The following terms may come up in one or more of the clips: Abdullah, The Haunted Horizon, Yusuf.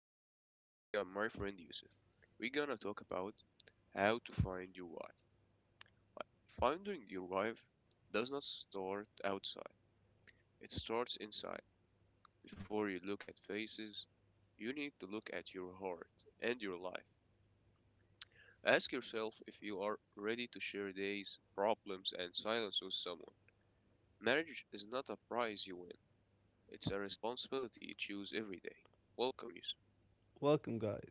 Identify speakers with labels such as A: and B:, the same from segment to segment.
A: Today, me and my friend Yusuf, we're gonna talk about how to find your wife. Finding your wife does not start outside, it starts inside. Before you look at faces, you need to look at your heart and your life. Ask yourself if you are ready to share days, problems, and silence with someone. Marriage is not a prize you win, it's a responsibility you choose every day. Welcome, Yusuf.
B: Welcome, guys.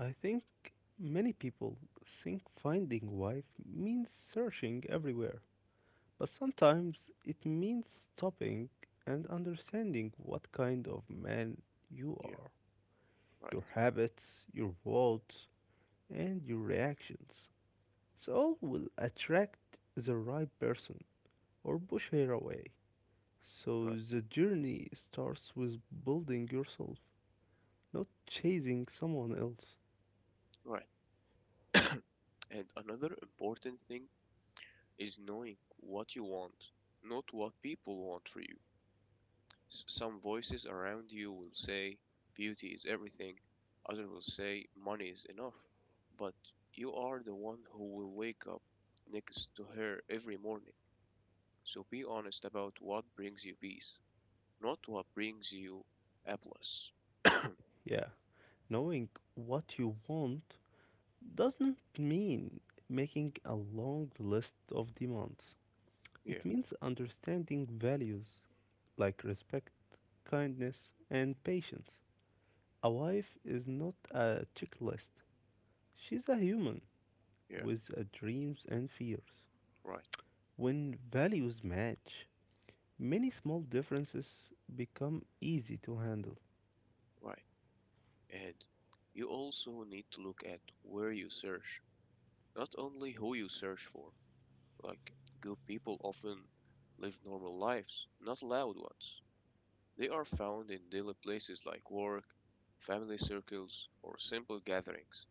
B: I think many people think finding a wife means searching everywhere, but sometimes it means stopping and understanding what kind of man you
A: Yeah,
B: are,
A: right,
B: your habits, your words, and your reactions. Soul will attract the right person or push her away. So
A: right,
B: the journey starts with building yourself, not chasing someone else.
A: right. And another important thing is knowing what you want, not what people want for you. Some voices around you will say beauty is everything, others will say money is enough, but you are the one who will wake up next to her every morning. So be honest about what brings you peace, not what brings you applause.
B: Yeah, knowing what you want doesn't mean making a long list of demands. It
A: Yeah,
B: means understanding values like respect, kindness, and patience. A wife is not a checklist, she's a human
A: yeah,
B: with dreams and fears.
A: right,
B: When values match, many small differences become easy to handle.
A: right. And you also need to look at where you search, not only who you search for. Like, good people often live normal lives, not loud ones. They are found in daily places like work, family circles, or simple gatherings.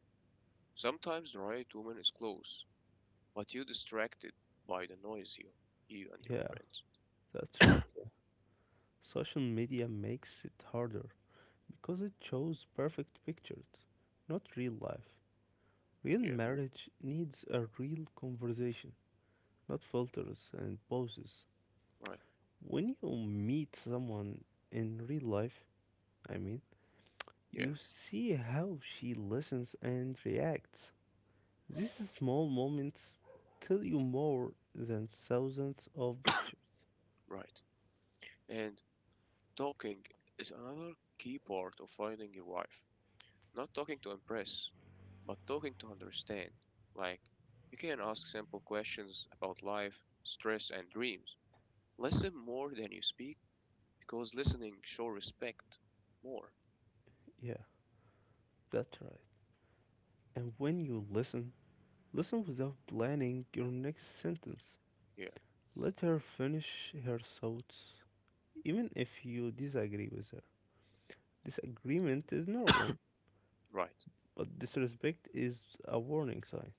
A: Sometimes the right woman is close, but you distracted by the noise you and your
B: Yeah,
A: friends.
B: that's right. Social media makes it harder because it shows perfect pictures, not real life. Real
A: Yeah,
B: marriage needs a real conversation, not filters and poses.
A: right.
B: When you meet someone in real life, I mean,
A: Yeah,
B: you see how she listens and reacts. These small moments tell you more than thousands of pictures.
A: right. And talking is another key part of finding your wife. Not talking to impress, but talking to understand. Like, you can ask simple questions about life, stress, and dreams. Listen more than you speak because listening show respect more.
B: Yeah, that's right. And when you listen, listen without planning your next sentence.
A: Yeah,
B: Let her finish her thoughts, even if you disagree with her. Disagreement is normal,
A: right,
B: but disrespect is a warning sign.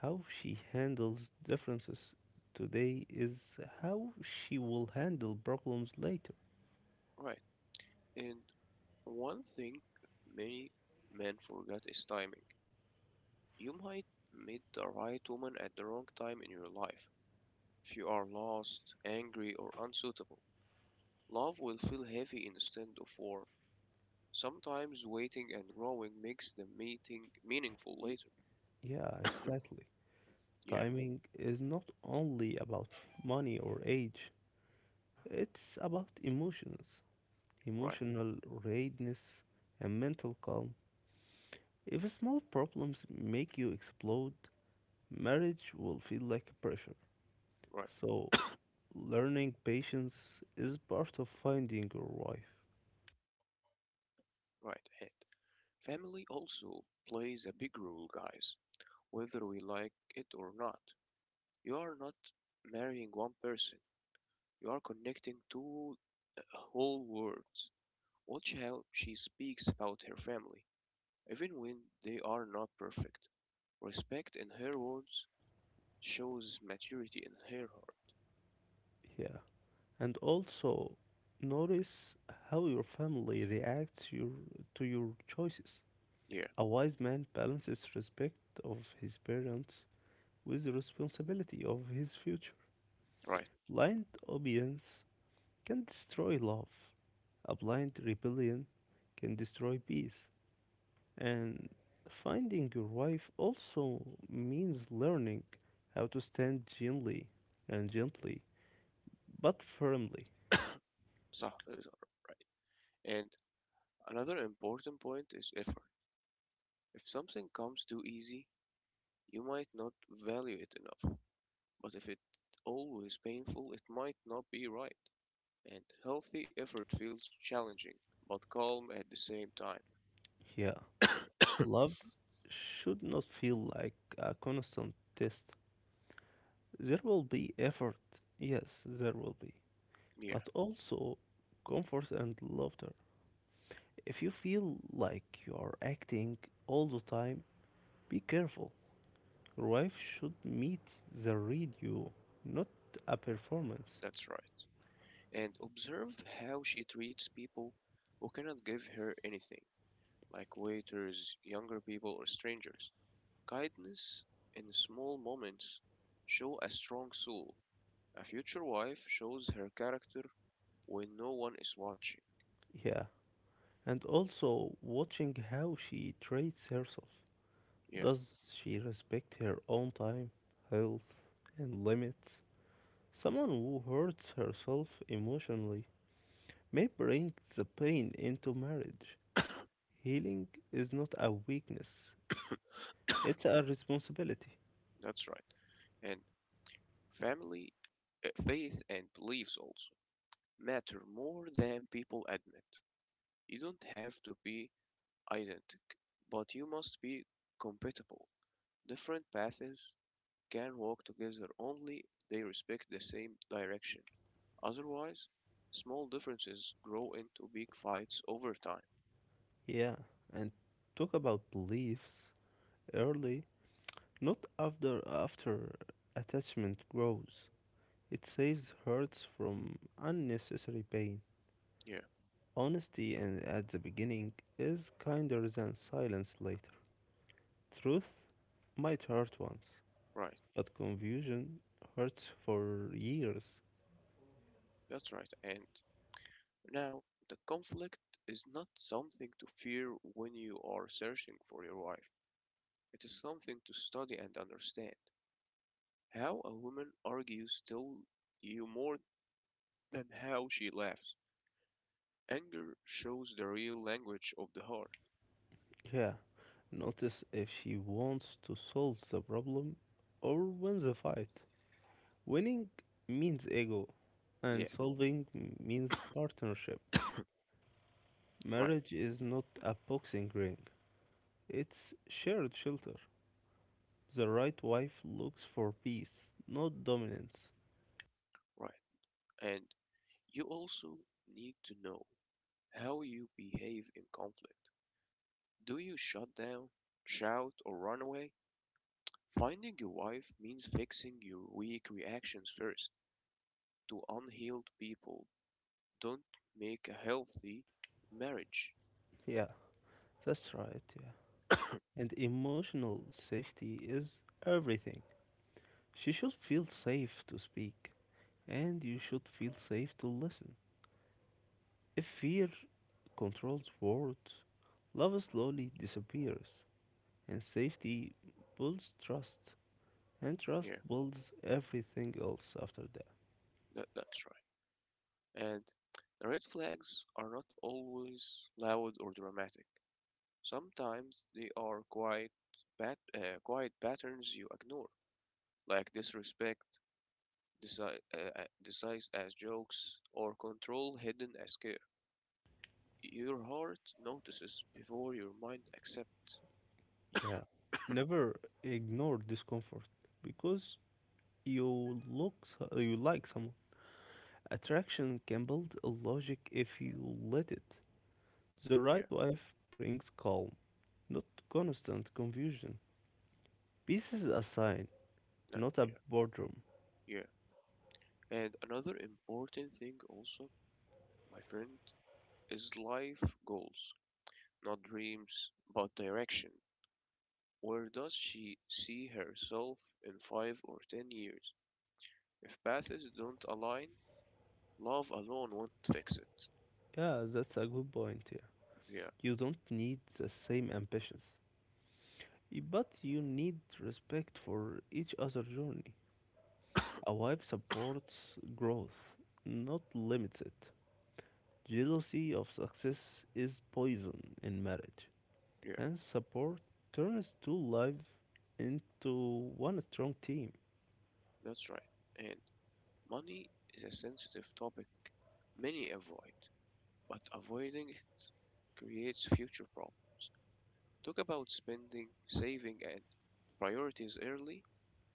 B: How she handles differences today is how she will handle problems later.
A: right. And one thing many men forget is timing. You might meet the right woman at the wrong time in your life. If you are lost, angry, or unsuitable, love will feel heavy instead of warm. Sometimes waiting and growing makes the meeting meaningful later.
B: Yeah, exactly.
A: Yeah,
B: Timing is not only about money or age, it's about emotions,
A: right,
B: emotional readiness, and mental calm. If small problems make you explode, marriage will feel like pressure.
A: right,
B: So, learning patience is part of finding your wife.
A: right ahead. Family also plays a big role, guys, whether we like it or not. You are not marrying one person, you are connecting two whole worlds. Watch how she speaks about her family, even when they are not perfect. Respect in her words shows maturity in her heart.
B: Yeah. And also, notice how your family reacts to your choices.
A: Yeah,
B: A wise man balances respect of his parents with the responsibility of his future.
A: right,
B: Blind obedience can destroy love. A blind rebellion can destroy peace. And finding your wife also means learning how to stand gently and gently, but firmly.
A: صح, right. And another important point is effort. If something comes too easy, you might not value it enough. But if it's always painful, it might not be right. And healthy effort feels challenging, but calm at the same time.
B: Yeah, love should not feel like a constant test. There will be effort, yes, there will be,
A: Yeah,
B: but also comfort and laughter. If you feel like you are acting all the time, be careful. Your wife should meet the read you, not a performance.
A: that's right. And observe how she treats people who cannot give her anything, like waiters, younger people, or strangers. Kindness in small moments show a strong soul. A future wife shows her character when no one is watching.
B: Yeah, and also watching how she treats herself.
A: Yeah,
B: Does she respect her own time, health, and limits? Someone who hurts herself emotionally may bring the pain into marriage. Healing is not a weakness, it's a responsibility.
A: that's right. And family, faith, and beliefs also matter more than people admit. You don't have to be identical, but you must be compatible. Different paths can walk together only if they respect the same direction. Otherwise, small differences grow into big fights over time.
B: Yeah, and talk about beliefs early, not after attachment grows. It saves hurts from unnecessary pain.
A: Yeah,
B: Honesty in, at the beginning is kinder than silence later. Truth might hurt once,
A: right.
B: but confusion hurts for years.
A: That's right. And now, the conflict is not something to fear when you are searching for your wife. It is something to study and understand. How a woman argues tells you more than how she laughs. Anger shows the real language of the heart.
B: Yeah, notice if she wants to solve the problem or win the fight. Winning means ego, and
A: Yeah,
B: solving means partnership.
A: right,
B: Marriage is not a boxing ring, it's shared shelter. The right wife looks for peace, not dominance.
A: right. And you also need to know how you behave in conflict. Do you shut down, shout, or run away? Finding your wife means fixing your weak reactions first. To unhealed people don't make a healthy marriage
B: Yeah, that's right, yeah. And emotional safety is everything. She should feel safe to speak, and you should feel safe to listen. If fear controls words, love slowly disappears, and safety builds trust, and trust
A: here.
B: builds everything else after that.
A: That's right. And red flags are not always loud or dramatic. Sometimes they are quite quiet patterns you ignore, like disrespect, disi- uh, as jokes, or control hidden as care. Your heart notices before your mind accepts.
B: Yeah. Never ignore discomfort because you look you like someone. Attraction can build a logic if you let it. The
A: Yeah,
B: right wife brings calm, not constant confusion. Peace is a sign,
A: no,
B: not a boredom.
A: yeah, yeah. And another important thing also, my friend, is life goals, not dreams, but direction? Where does she see herself in 5 or 10 years? If paths don't align, love alone won't fix it.
B: Yeah, that's a good point. Yeah.
A: Yeah,
B: You don't need the same ambitions, but you need respect for each other's journey. A wife supports growth, not limits it. Jealousy of success is poison in marriage,
A: yeah,
B: and support turns two lives into one strong team.
A: that's right. And money is a sensitive topic many avoid, but avoiding it creates future problems. Talk about spending, saving, and priorities early.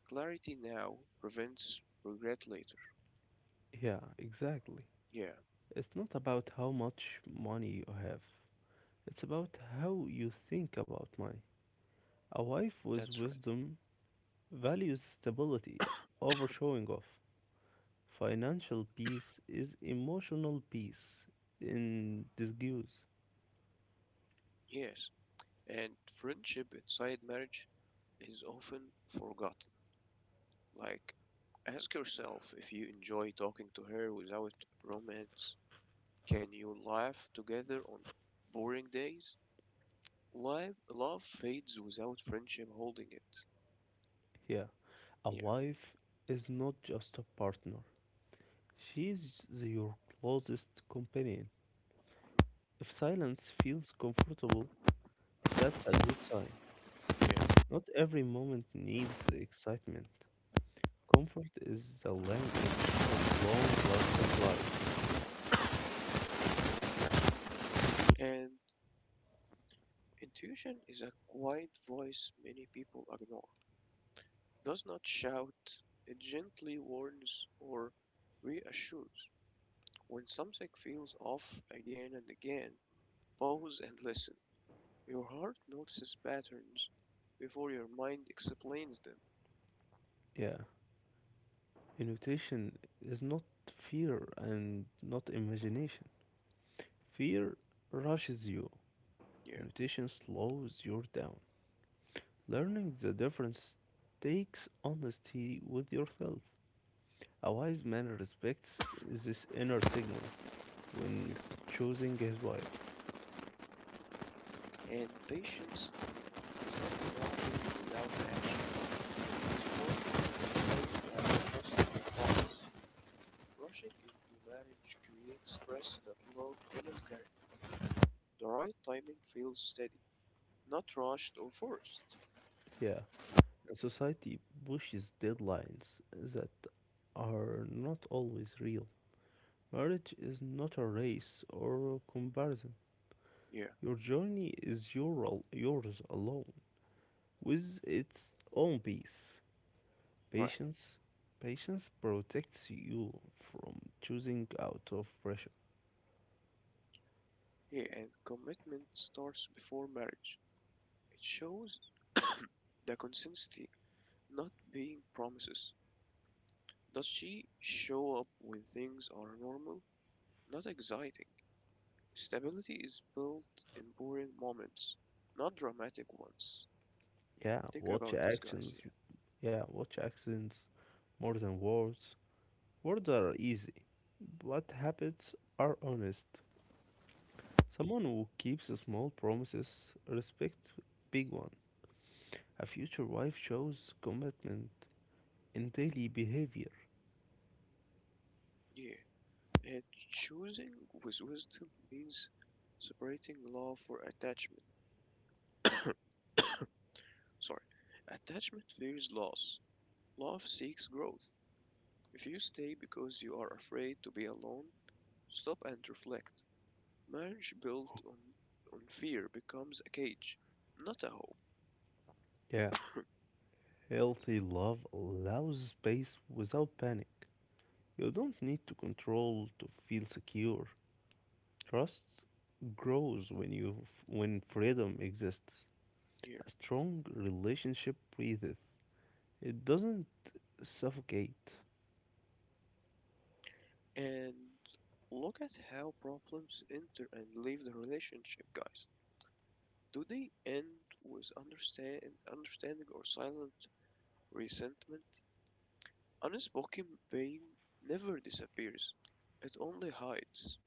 A: Clarity now prevents regret later.
B: Yeah, exactly.
A: Yeah,
B: It's not about how much money you have, it's about how you think about money. A wife with
A: that's right.
B: wisdom values stability over showing off. Financial peace is emotional peace in disguise.
A: Yes, and friendship inside marriage is often forgotten. Like, ask yourself if you enjoy talking to her without romance. Can you laugh together on boring days? Life, love fades without friendship holding it.
B: Yeah, a
A: Yeah, yeah.
B: wife is not just a partner, she's your closest companion. If silence feels comfortable, that's a good sign. Not every moment needs excitement. Comfort is the language of long lasting life.
A: And intuition is a quiet voice many people ignore. It does not shout, it gently warns or reassures. When something feels off again and again, pause and listen. Your heart notices patterns before your mind explains them.
B: Yeah. Invitation is not fear and not imagination. Fear rushes you,
A: Yeah,
B: invitation slows you down. Learning the difference takes honesty with yourself. A wise man respects this inner signal when
A: yeah.
B: choosing his wife.
A: And patience is not walking without action. It's working instead of. Rushing into marriage creates stress that love cannot carry. The right timing feels steady, not rushed or forced.
B: Yeah. And society pushes deadlines that are not always real. Marriage is not a race or a comparison.
A: Yeah,
B: Your journey is yours alone, with its own pace.
A: right.
B: Patience, patience protects you from choosing out of pressure.
A: Yeah, and commitment starts before marriage. It shows the consistency, not being promises. Does she show up when things are normal? Not exciting. Stability is built in boring moments, not dramatic ones.
B: Yeah,
A: Think
B: watch
A: about this, guys.
B: actions. Yeah, watch actions more than words. Words are easy, but habits are honest. Someone who keeps small promises respect big one. A future wife shows commitment in daily behavior.
A: Yeah. Yeah. And choosing with wisdom means separating love for attachment. Sorry. Attachment fears loss. Love seeks growth. If you stay because you are afraid to be alone, stop and reflect. Marriage built on fear becomes a cage, not a hope.
B: Yeah, healthy love allows space without panic. You don't need to control to feel secure. Trust grows when freedom exists.
A: Yeah.
B: A strong relationship breathes. It doesn't suffocate.
A: And look at how problems enter and leave the relationship, guys. Do they end with understanding or silent resentment? Unspoken pain never disappears, it only hides.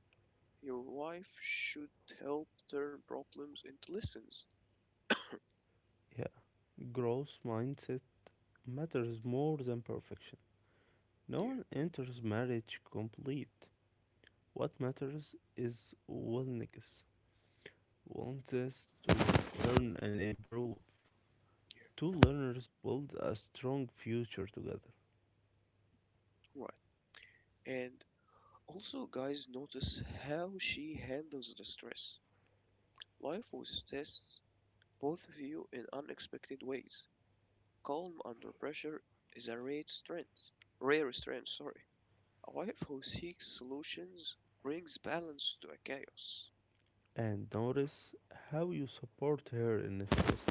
A: Your wife should help turn problems into lessons.
B: Yeah, growth mindset matters more than perfection. No
A: Yeah,
B: one enters marriage complete. What matters is willingness. Wants us to learn and improve. Two
A: yeah.
B: learners build a strong future together.
A: Right. And also, guys, notice how she handles the stress. Life with tests both of you in unexpected ways. Calm under pressure is a rare strength. Rare strength, sorry. A wife who seeks solutions brings balance to a chaos.
B: And notice how you support her in stress.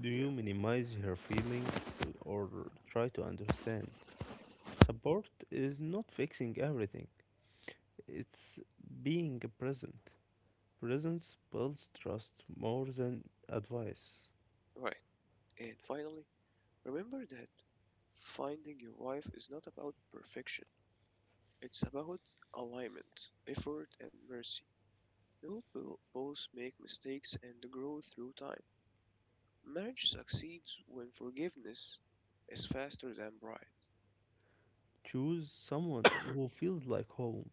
B: Do
A: Yeah,
B: you minimize her feeling, or try to understand? Support is not fixing everything, it's being present. Presence builds trust more than advice.
A: right. And finally, remember that finding your wife is not about perfection. It's about alignment, effort, and mercy. You'll both make mistakes and grow through time. Marriage succeeds when forgiveness is faster than pride.
B: Choose someone who feels like home,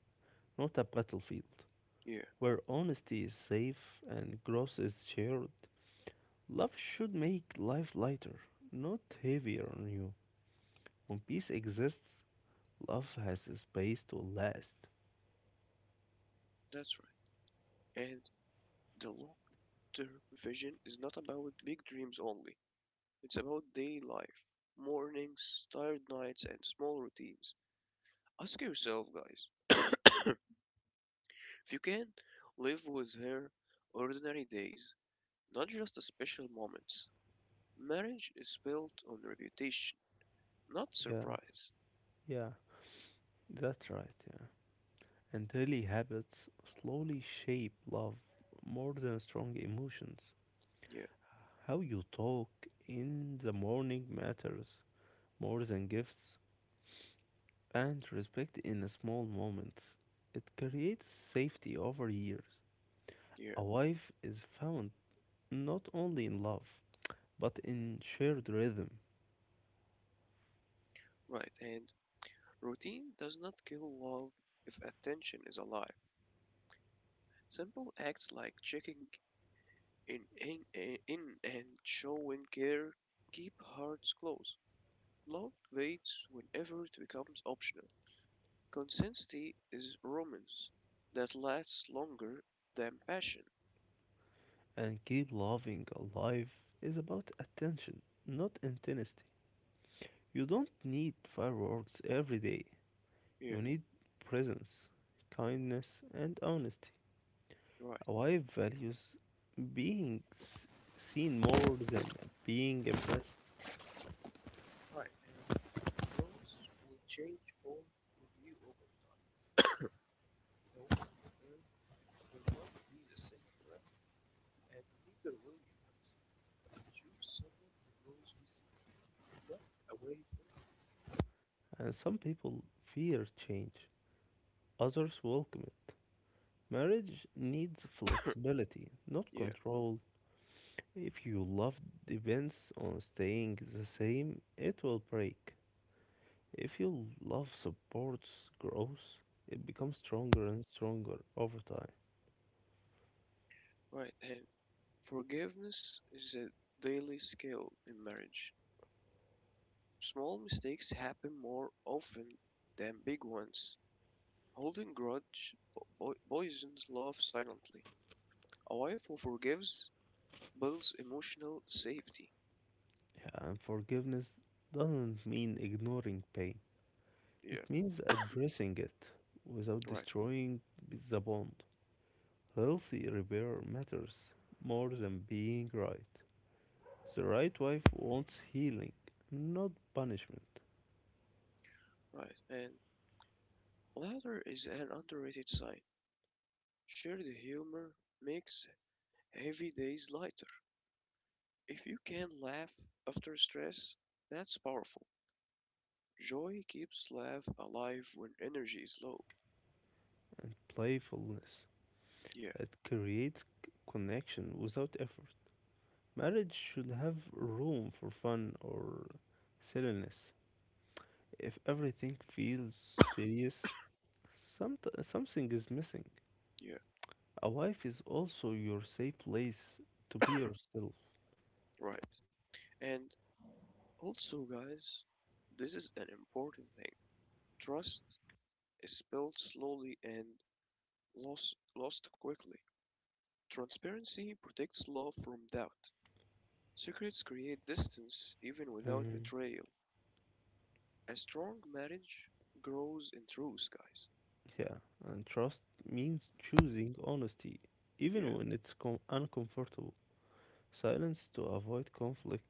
B: not a battlefield,
A: Yeah.
B: where honesty is safe and growth is shared. Love should make life lighter, not heavier on you. When peace exists, love has a space to last.
A: That's right. And the long-term vision is not about big dreams only. It's about daily life, mornings, tired nights, and small routines. Ask yourself, guys, if you can live with her ordinary days, not just the special moments. Marriage is built on reputation, not
B: Yeah,
A: surprise.
B: yeah, that's right, yeah. And daily habits slowly shape love more than strong emotions.
A: Yeah,
B: How you talk in the morning matters more than gifts, and respect in small moments. It creates safety over years.
A: yeah,
B: A wife is found not only in love, but in shared rhythm,
A: right. And routine does not kill love if attention is alive. Simple acts like checking in and showing care, keep hearts close. Love fades whenever it becomes optional. Consistency is romance that lasts longer than passion.
B: and keep loving alive is about attention, not intensity. You don't need fireworks every day. You
A: Yeah,
B: need presence, kindness, and honesty.
A: right.
B: A wife values being seen more than being impressed,
A: Right. And those will change both of you over time. The woman you marry will not be the same forever, and neither will you guys. Choose someone who grows with you, not away from
B: and some people fear change, others welcome it. Marriage needs flexibility, not
A: you. Yeah,
B: control. If your love depends on staying the same, it will break. If your love supports growth, it becomes stronger and stronger over time.
A: right. And forgiveness is a daily skill in marriage. Small mistakes happen more often than big ones. Holding grudge poisons love silently. A wife who forgives builds emotional safety.
B: Yeah. And forgiveness doesn't mean ignoring pain, it
A: Yeah,
B: means addressing it without
A: right,
B: destroying the bond. Healthy repair matters more than being right. The right wife wants healing, not punishment
A: right. And laughter is an underrated sign. Shared humor makes heavy days lighter. If you can laugh after stress, that's powerful. Joy keeps life alive when energy is low.
B: and playfulness.
A: Yeah.
B: It creates connection without effort. Marriage should have room for fun or silliness. If everything feels serious, something is missing.
A: Yeah,
B: A wife is also your safe place to be yourself.
A: right. And also, guys, this is an important thing. Trust is built slowly and lost quickly. Transparency protects love from doubt. Secrets create distance even without
B: Hmm.
A: betrayal. A strong marriage grows in truth, guys.
B: Yeah, and trust means choosing honesty,
A: Yeah,
B: even when it's uncomfortable. Silence to avoid conflict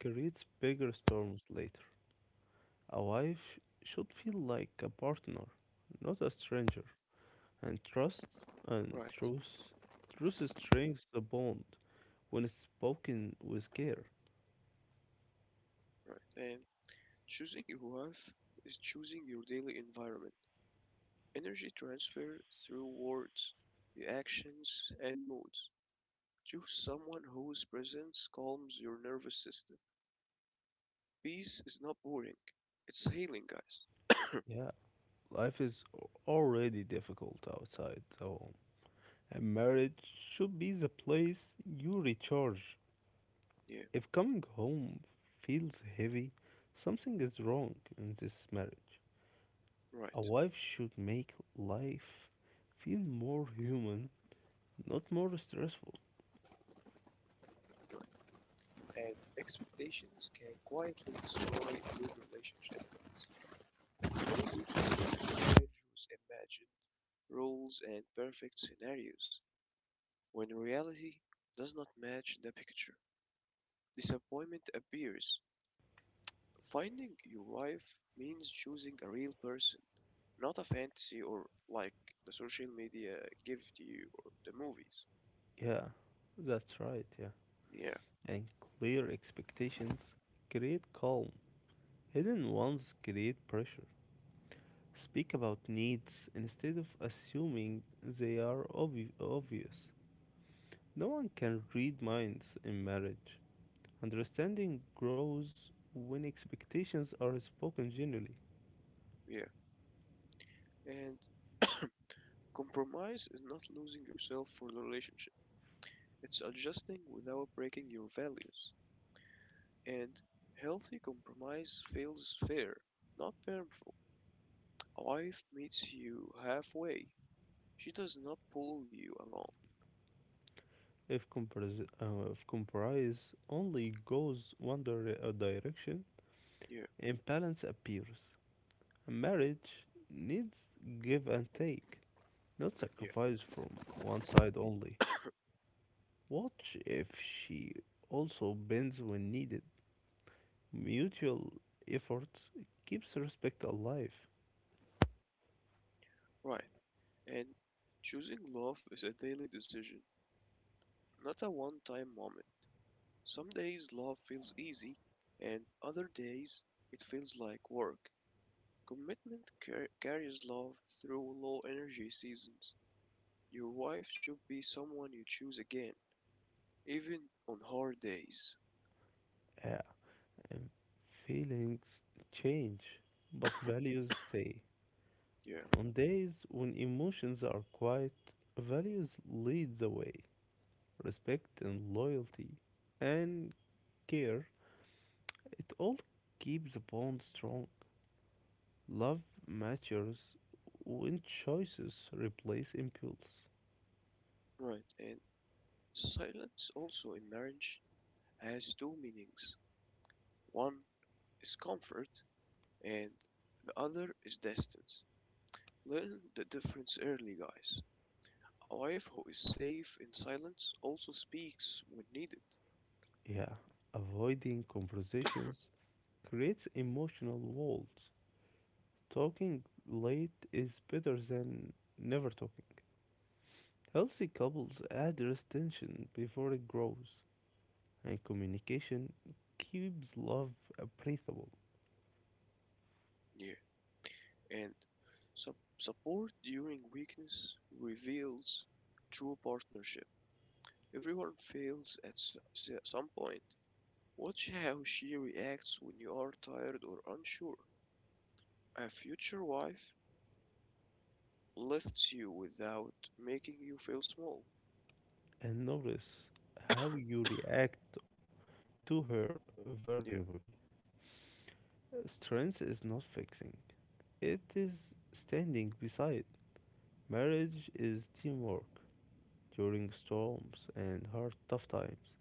B: creates bigger storms later. A wife should feel like a partner, not a stranger. And trust and
A: right,
B: truth. Truth strengthens the bond when it's spoken with care.
A: right. And choosing your wife is choosing your daily environment. Energy transfer through words, reactions, and moods. Choose someone whose presence calms your nervous system. Peace is not boring, it's healing, guys.
B: Yeah, life is already difficult outside the home. And marriage should be the place you recharge.
A: Yeah,
B: If coming home feels heavy, something is wrong in this marriage. A
A: right.
B: wife should make life feel more human, not more stressful.
A: And expectations can quietly destroy a good relationship, guys. Maybe marriage was imagined, rules, and perfect scenarios, when reality does not match the picture. Disappointment appears. Finding your wife means choosing a real person, not a fantasy or like the social media give to you or the movies.
B: Yeah, that's right, yeah.
A: Yeah,
B: And clear expectations create calm. Hidden ones create pressure. Speak about needs instead of assuming they are obvious. No one can read minds in marriage. Understanding grows when expectations are spoken generally.
A: yeah. And compromise is not losing yourself for the relationship, it's adjusting without breaking your values. And healthy compromise feels fair, not painful. A wife meets you halfway, she does not pull you along.
B: If compromise only goes one direction,
A: Yeah,
B: imbalance appears. Marriage needs give and take, not
A: yeah,
B: sacrifice from one side only. Watch if she also bends when needed. Mutual efforts keeps respect alive.
A: right. And choosing love is a daily decision, not a one time moment. Some days love feels easy, and other days it feels like work. Commitment carries love through low energy seasons. Your wife should be someone you choose again, even on hard days.
B: Yeah, and feelings change, but values stay.
A: Yeah,
B: On days when emotions are quiet, values lead the way. Respect and loyalty and care, it all keeps the bond strong. Love matures when choices replace impulse.
A: right. And silence also in marriage has two meanings: one is comfort, and the other is distance. Learn the difference early, guys. A wife who is safe in silence also speaks when needed.
B: Yeah, avoiding conversations creates emotional walls. Talking late is better than never talking. Healthy couples address tension before it grows, and communication keeps love breathable.
A: Yeah, and sup- support during weakness reveals true partnership. Everyone fails at some point. Watch how she reacts when you are tired or unsure. A future wife lifts you without making you feel small.
B: And notice how you react to her
A: Yeah,
B: vulnerability. Strength is not fixing, it is standing beside. Marriage is teamwork during storms and hard, tough times.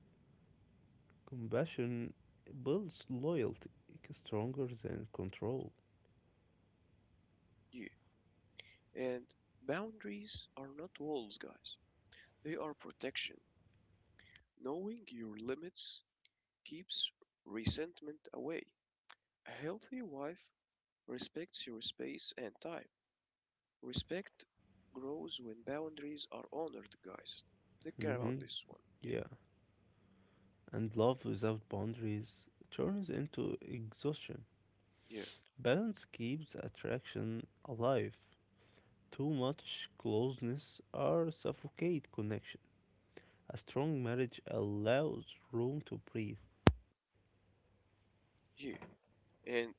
B: Compassion builds loyalty stronger than control.
A: yeah. And boundaries are not walls, guys. They are protection. Knowing your limits keeps resentment away. A healthy wife respects your space and time. Respect grows when boundaries are honored, guys. Take care about
B: Hmm.
A: this one.
B: Yeah, and love without boundaries turns into exhaustion.
A: Yeah,
B: Balance keeps attraction alive. Too much closeness or suffocate connection. A strong marriage allows room to breathe,
A: yeah, yeah. And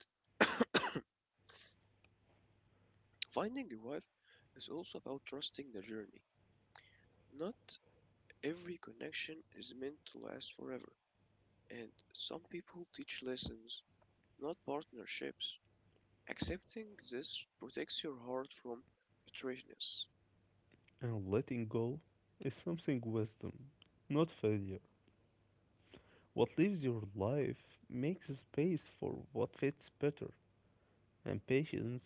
A: finding a wife is also about trusting the journey. Not every connection is meant to last forever, and some people teach lessons, not partnerships. Accepting this protects your heart from betrayedness.
B: and letting go is something wisdom, not failure. What leaves your life makes space for what fits better, and patience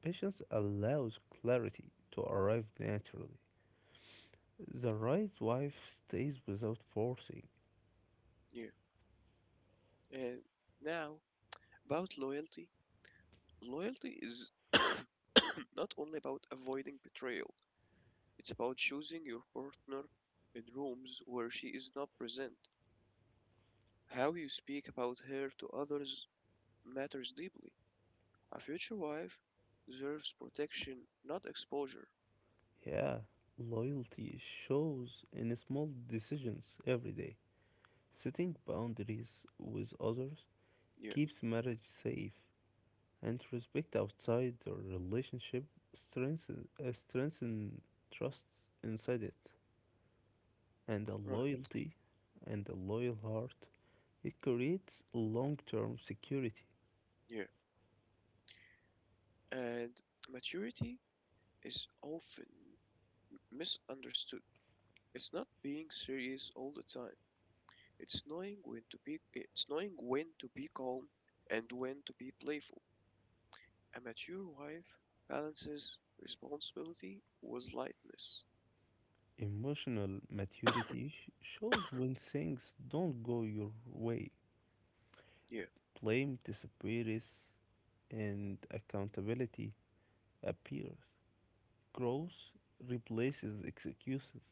B: patience allows clarity to arrive naturally. The right wife stays without forcing.
A: Yeah. And now, about loyalty. Loyalty is not only about avoiding betrayal, it's about choosing your partner in rooms where she is not present. How you speak about her to others matters deeply. A future wife deserves protection, not exposure.
B: Yeah, loyalty shows in small decisions every day. Setting boundaries with others
A: Yeah,
B: keeps marriage safe and respect outside the relationship strengthen trust inside it and a
A: right,
B: loyalty and a loyal heart, it creates long-term security.
A: yeah. And maturity is often misunderstood. It's not being serious all the time. It's knowing when to be it's knowing when to be calm and when to be playful. A mature wife balances responsibility with lightness.
B: Emotional maturity shows when things don't go your way.
A: Yeah,
B: Blame disappears and accountability appears. Growth replaces excuses.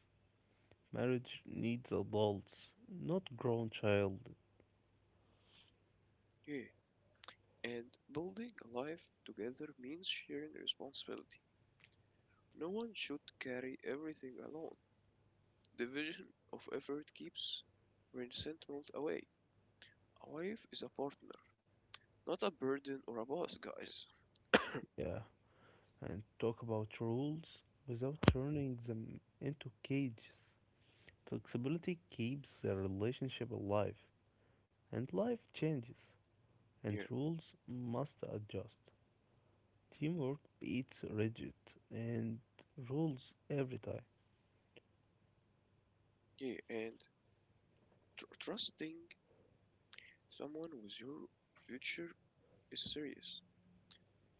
B: Marriage needs adults, not grown child.
A: yeah. And building a life together means sharing responsibility. No one should carry everything alone. Division of effort keeps resentment away. A wife is a partner, not a burden or a boss, guys.
B: Yeah, and talk about rules without turning them into cages. Flexibility keeps the relationship alive, and life changes, and
A: Yeah,
B: rules must adjust. Teamwork beats rigid and rules every time.
A: yeah. And trusting someone with your future is serious,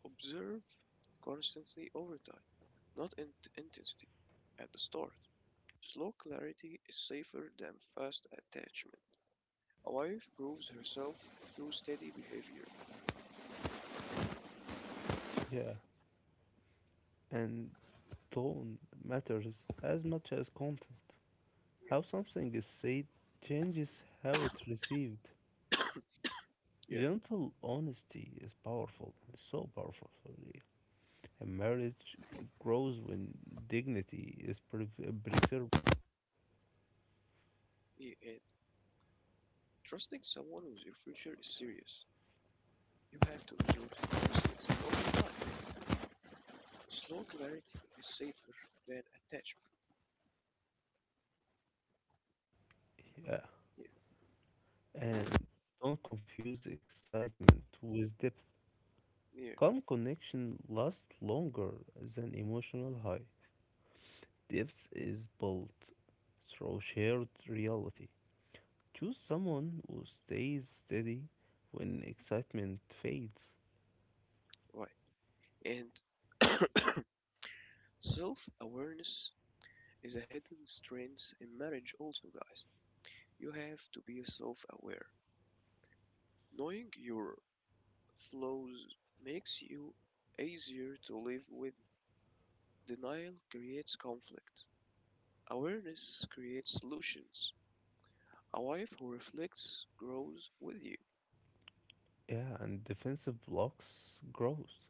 A: observed constantly over time, not in intensity at the start. Slow clarity is safer than fast attachment. A wife proves herself through steady behavior.
B: Yeah, and tone matters as much as content. How something is said changes how it's received.
A: Yeah.
B: Gentle honesty is powerful, so powerful. A marriage grows when dignity is preserved.
A: Yeah, and trusting someone with your future is serious. You have to observe constantly over time. Slow clarity is safer than attachment.
B: Yeah.
A: Yeah,
B: And don't confuse excitement with depth.
A: yeah,
B: Calm connection lasts longer than emotional high. Depth is built through shared reality. Choose someone who stays steady when excitement fades.
A: right. And self awareness is a hidden strength in marriage, also, guys. You have to be self-aware. Knowing your flaws makes you easier to live with. Denial creates conflict. Awareness creates solutions. A wife who reflects grows with you.
B: Yeah, and defensive blocks grows.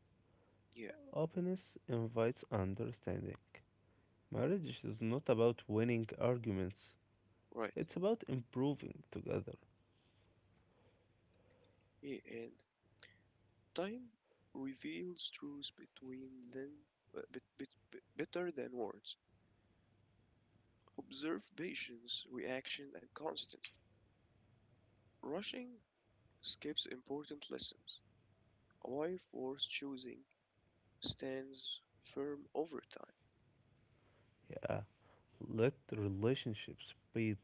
A: Yeah,
B: Openness invites understanding. Marriage is not about winning arguments,
A: right.
B: it's about improving together.
A: Yeah, and time reveals truth between them better than words. Observe patience, reaction, and constancy. Rushing skips important lessons. A wife worth choosing stands firm over time.
B: Yeah, let relationships breathe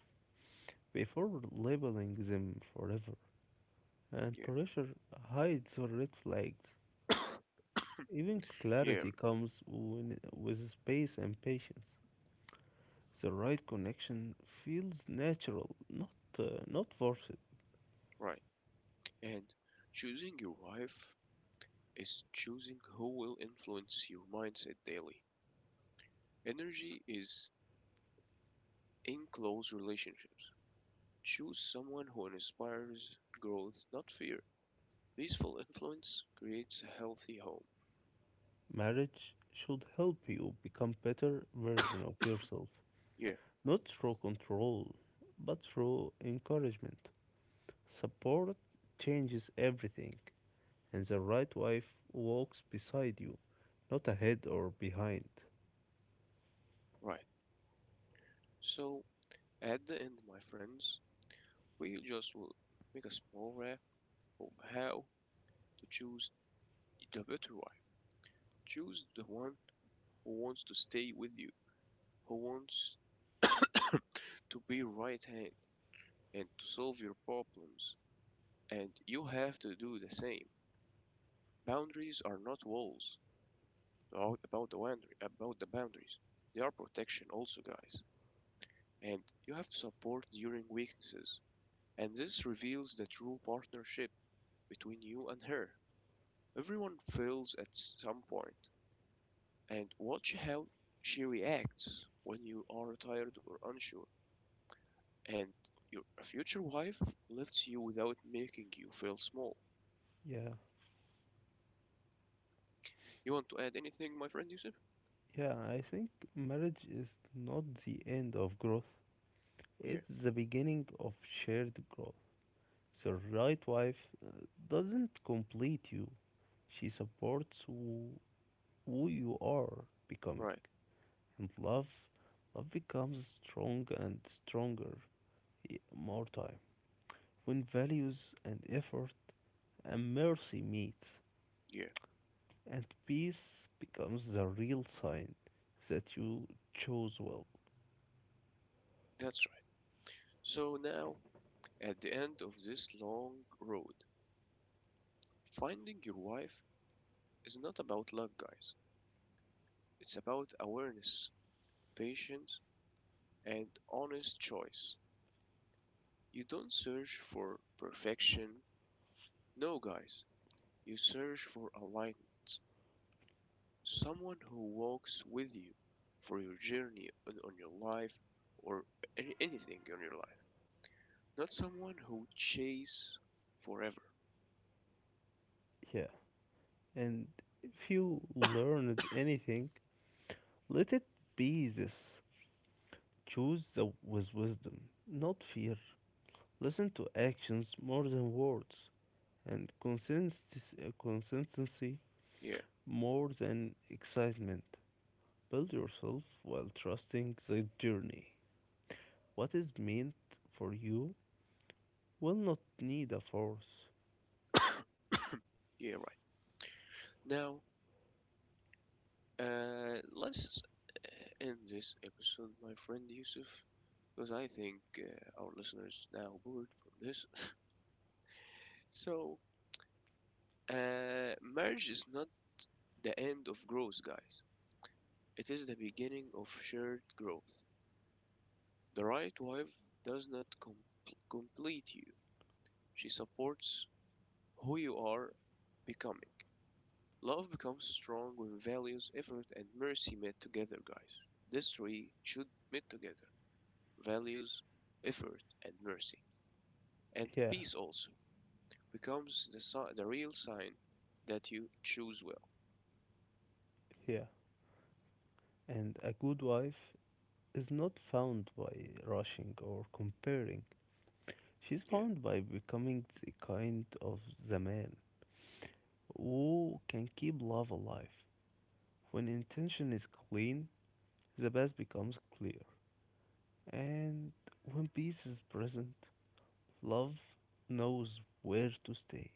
B: before labeling them forever. And
A: Yeah.
B: pressure hides the red flags. Even
A: Yeah,
B: clarity comes with space and patience. The right connection feels natural, not forced.
A: right. And choosing your wife is choosing who will influence your mindset daily. Energy is in close relationships. Choose someone who inspires growth, not fear. Peaceful influence creates a healthy home.
B: Marriage should help you become better version of yourself,
A: Yeah,
B: not through control, but through encouragement. Support changes everything, and the right wife walks beside you, not ahead or behind.
A: right. So, at the end, my friends, we just will make a small wrap of how to choose the better wife. Choose the one who wants to stay with you, who wants to be right hand and to solve your problems, and you have to do the same. Boundaries are not walls. About the boundary, about the boundaries, they are protection also, guys. And you have to support during weaknesses. And this reveals the true partnership between you and her. Everyone fails at some point, and watch how she reacts when you are tired or unsure. And your future wife lifts you without making you feel small.
B: Yeah,
A: You want to add anything, my friend Yusuf?
B: yeah, I think marriage is not the end of growth,
A: Yeah,
B: it's the beginning of shared growth. The right wife doesn't complete you, she supports who you are becoming,
A: right.
B: and love. Love becomes strong and stronger more time. When values and effort and mercy meet,
A: Yeah,
B: and peace becomes the real sign that you chose well.
A: that's right. So now, at the end of this long road, finding your wife is not about luck, guys. It's about awareness, patience, and honest choice. You don't search for perfection. No, guys. You search for alignment. Someone who walks with you for your journey on your life or anything in your life, not someone who chase forever.
B: Yeah, and if you learned anything, let it be this: choose the, with wisdom, not fear. Listen to actions more than words, and consistency
A: Yeah.
B: more than excitement. Build yourself while trusting the journey. What is meant for you will not need a force.
A: Yeah, right. Now, let's end this episode, my friend Yusuf, because I think our listeners now bored from this. So, marriage is not the end of growth, guys, it is the beginning of shared growth. The right wife does not complete you, she supports who you are becoming. Love becomes strong when values, effort, and mercy meet together, guys. These three should meet together: values, effort, and mercy. And
B: Yeah,
A: peace also becomes the, the real sign that you choose well.
B: yeah. And a good wife is not found by rushing or comparing. She's
A: Yeah,
B: found by becoming the kind of the man who can keep love alive. When intention is clean, the past becomes clear. And when peace is present, love knows where to stay.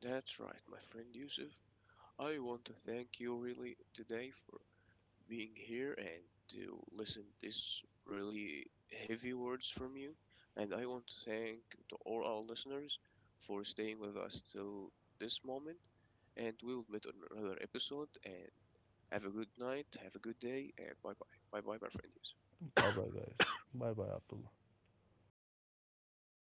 A: that's right, my friend Yusuf. I want to thank you really today for being here and to listen this really heavy words from you. And I want to thank to all our listeners for staying with us till this moment. And we will meet on another episode. And have a good night, have a good day, and bye bye. Bye bye, my friend. Yusuf.
B: Bye bye, guys. Bye bye, Abdullah.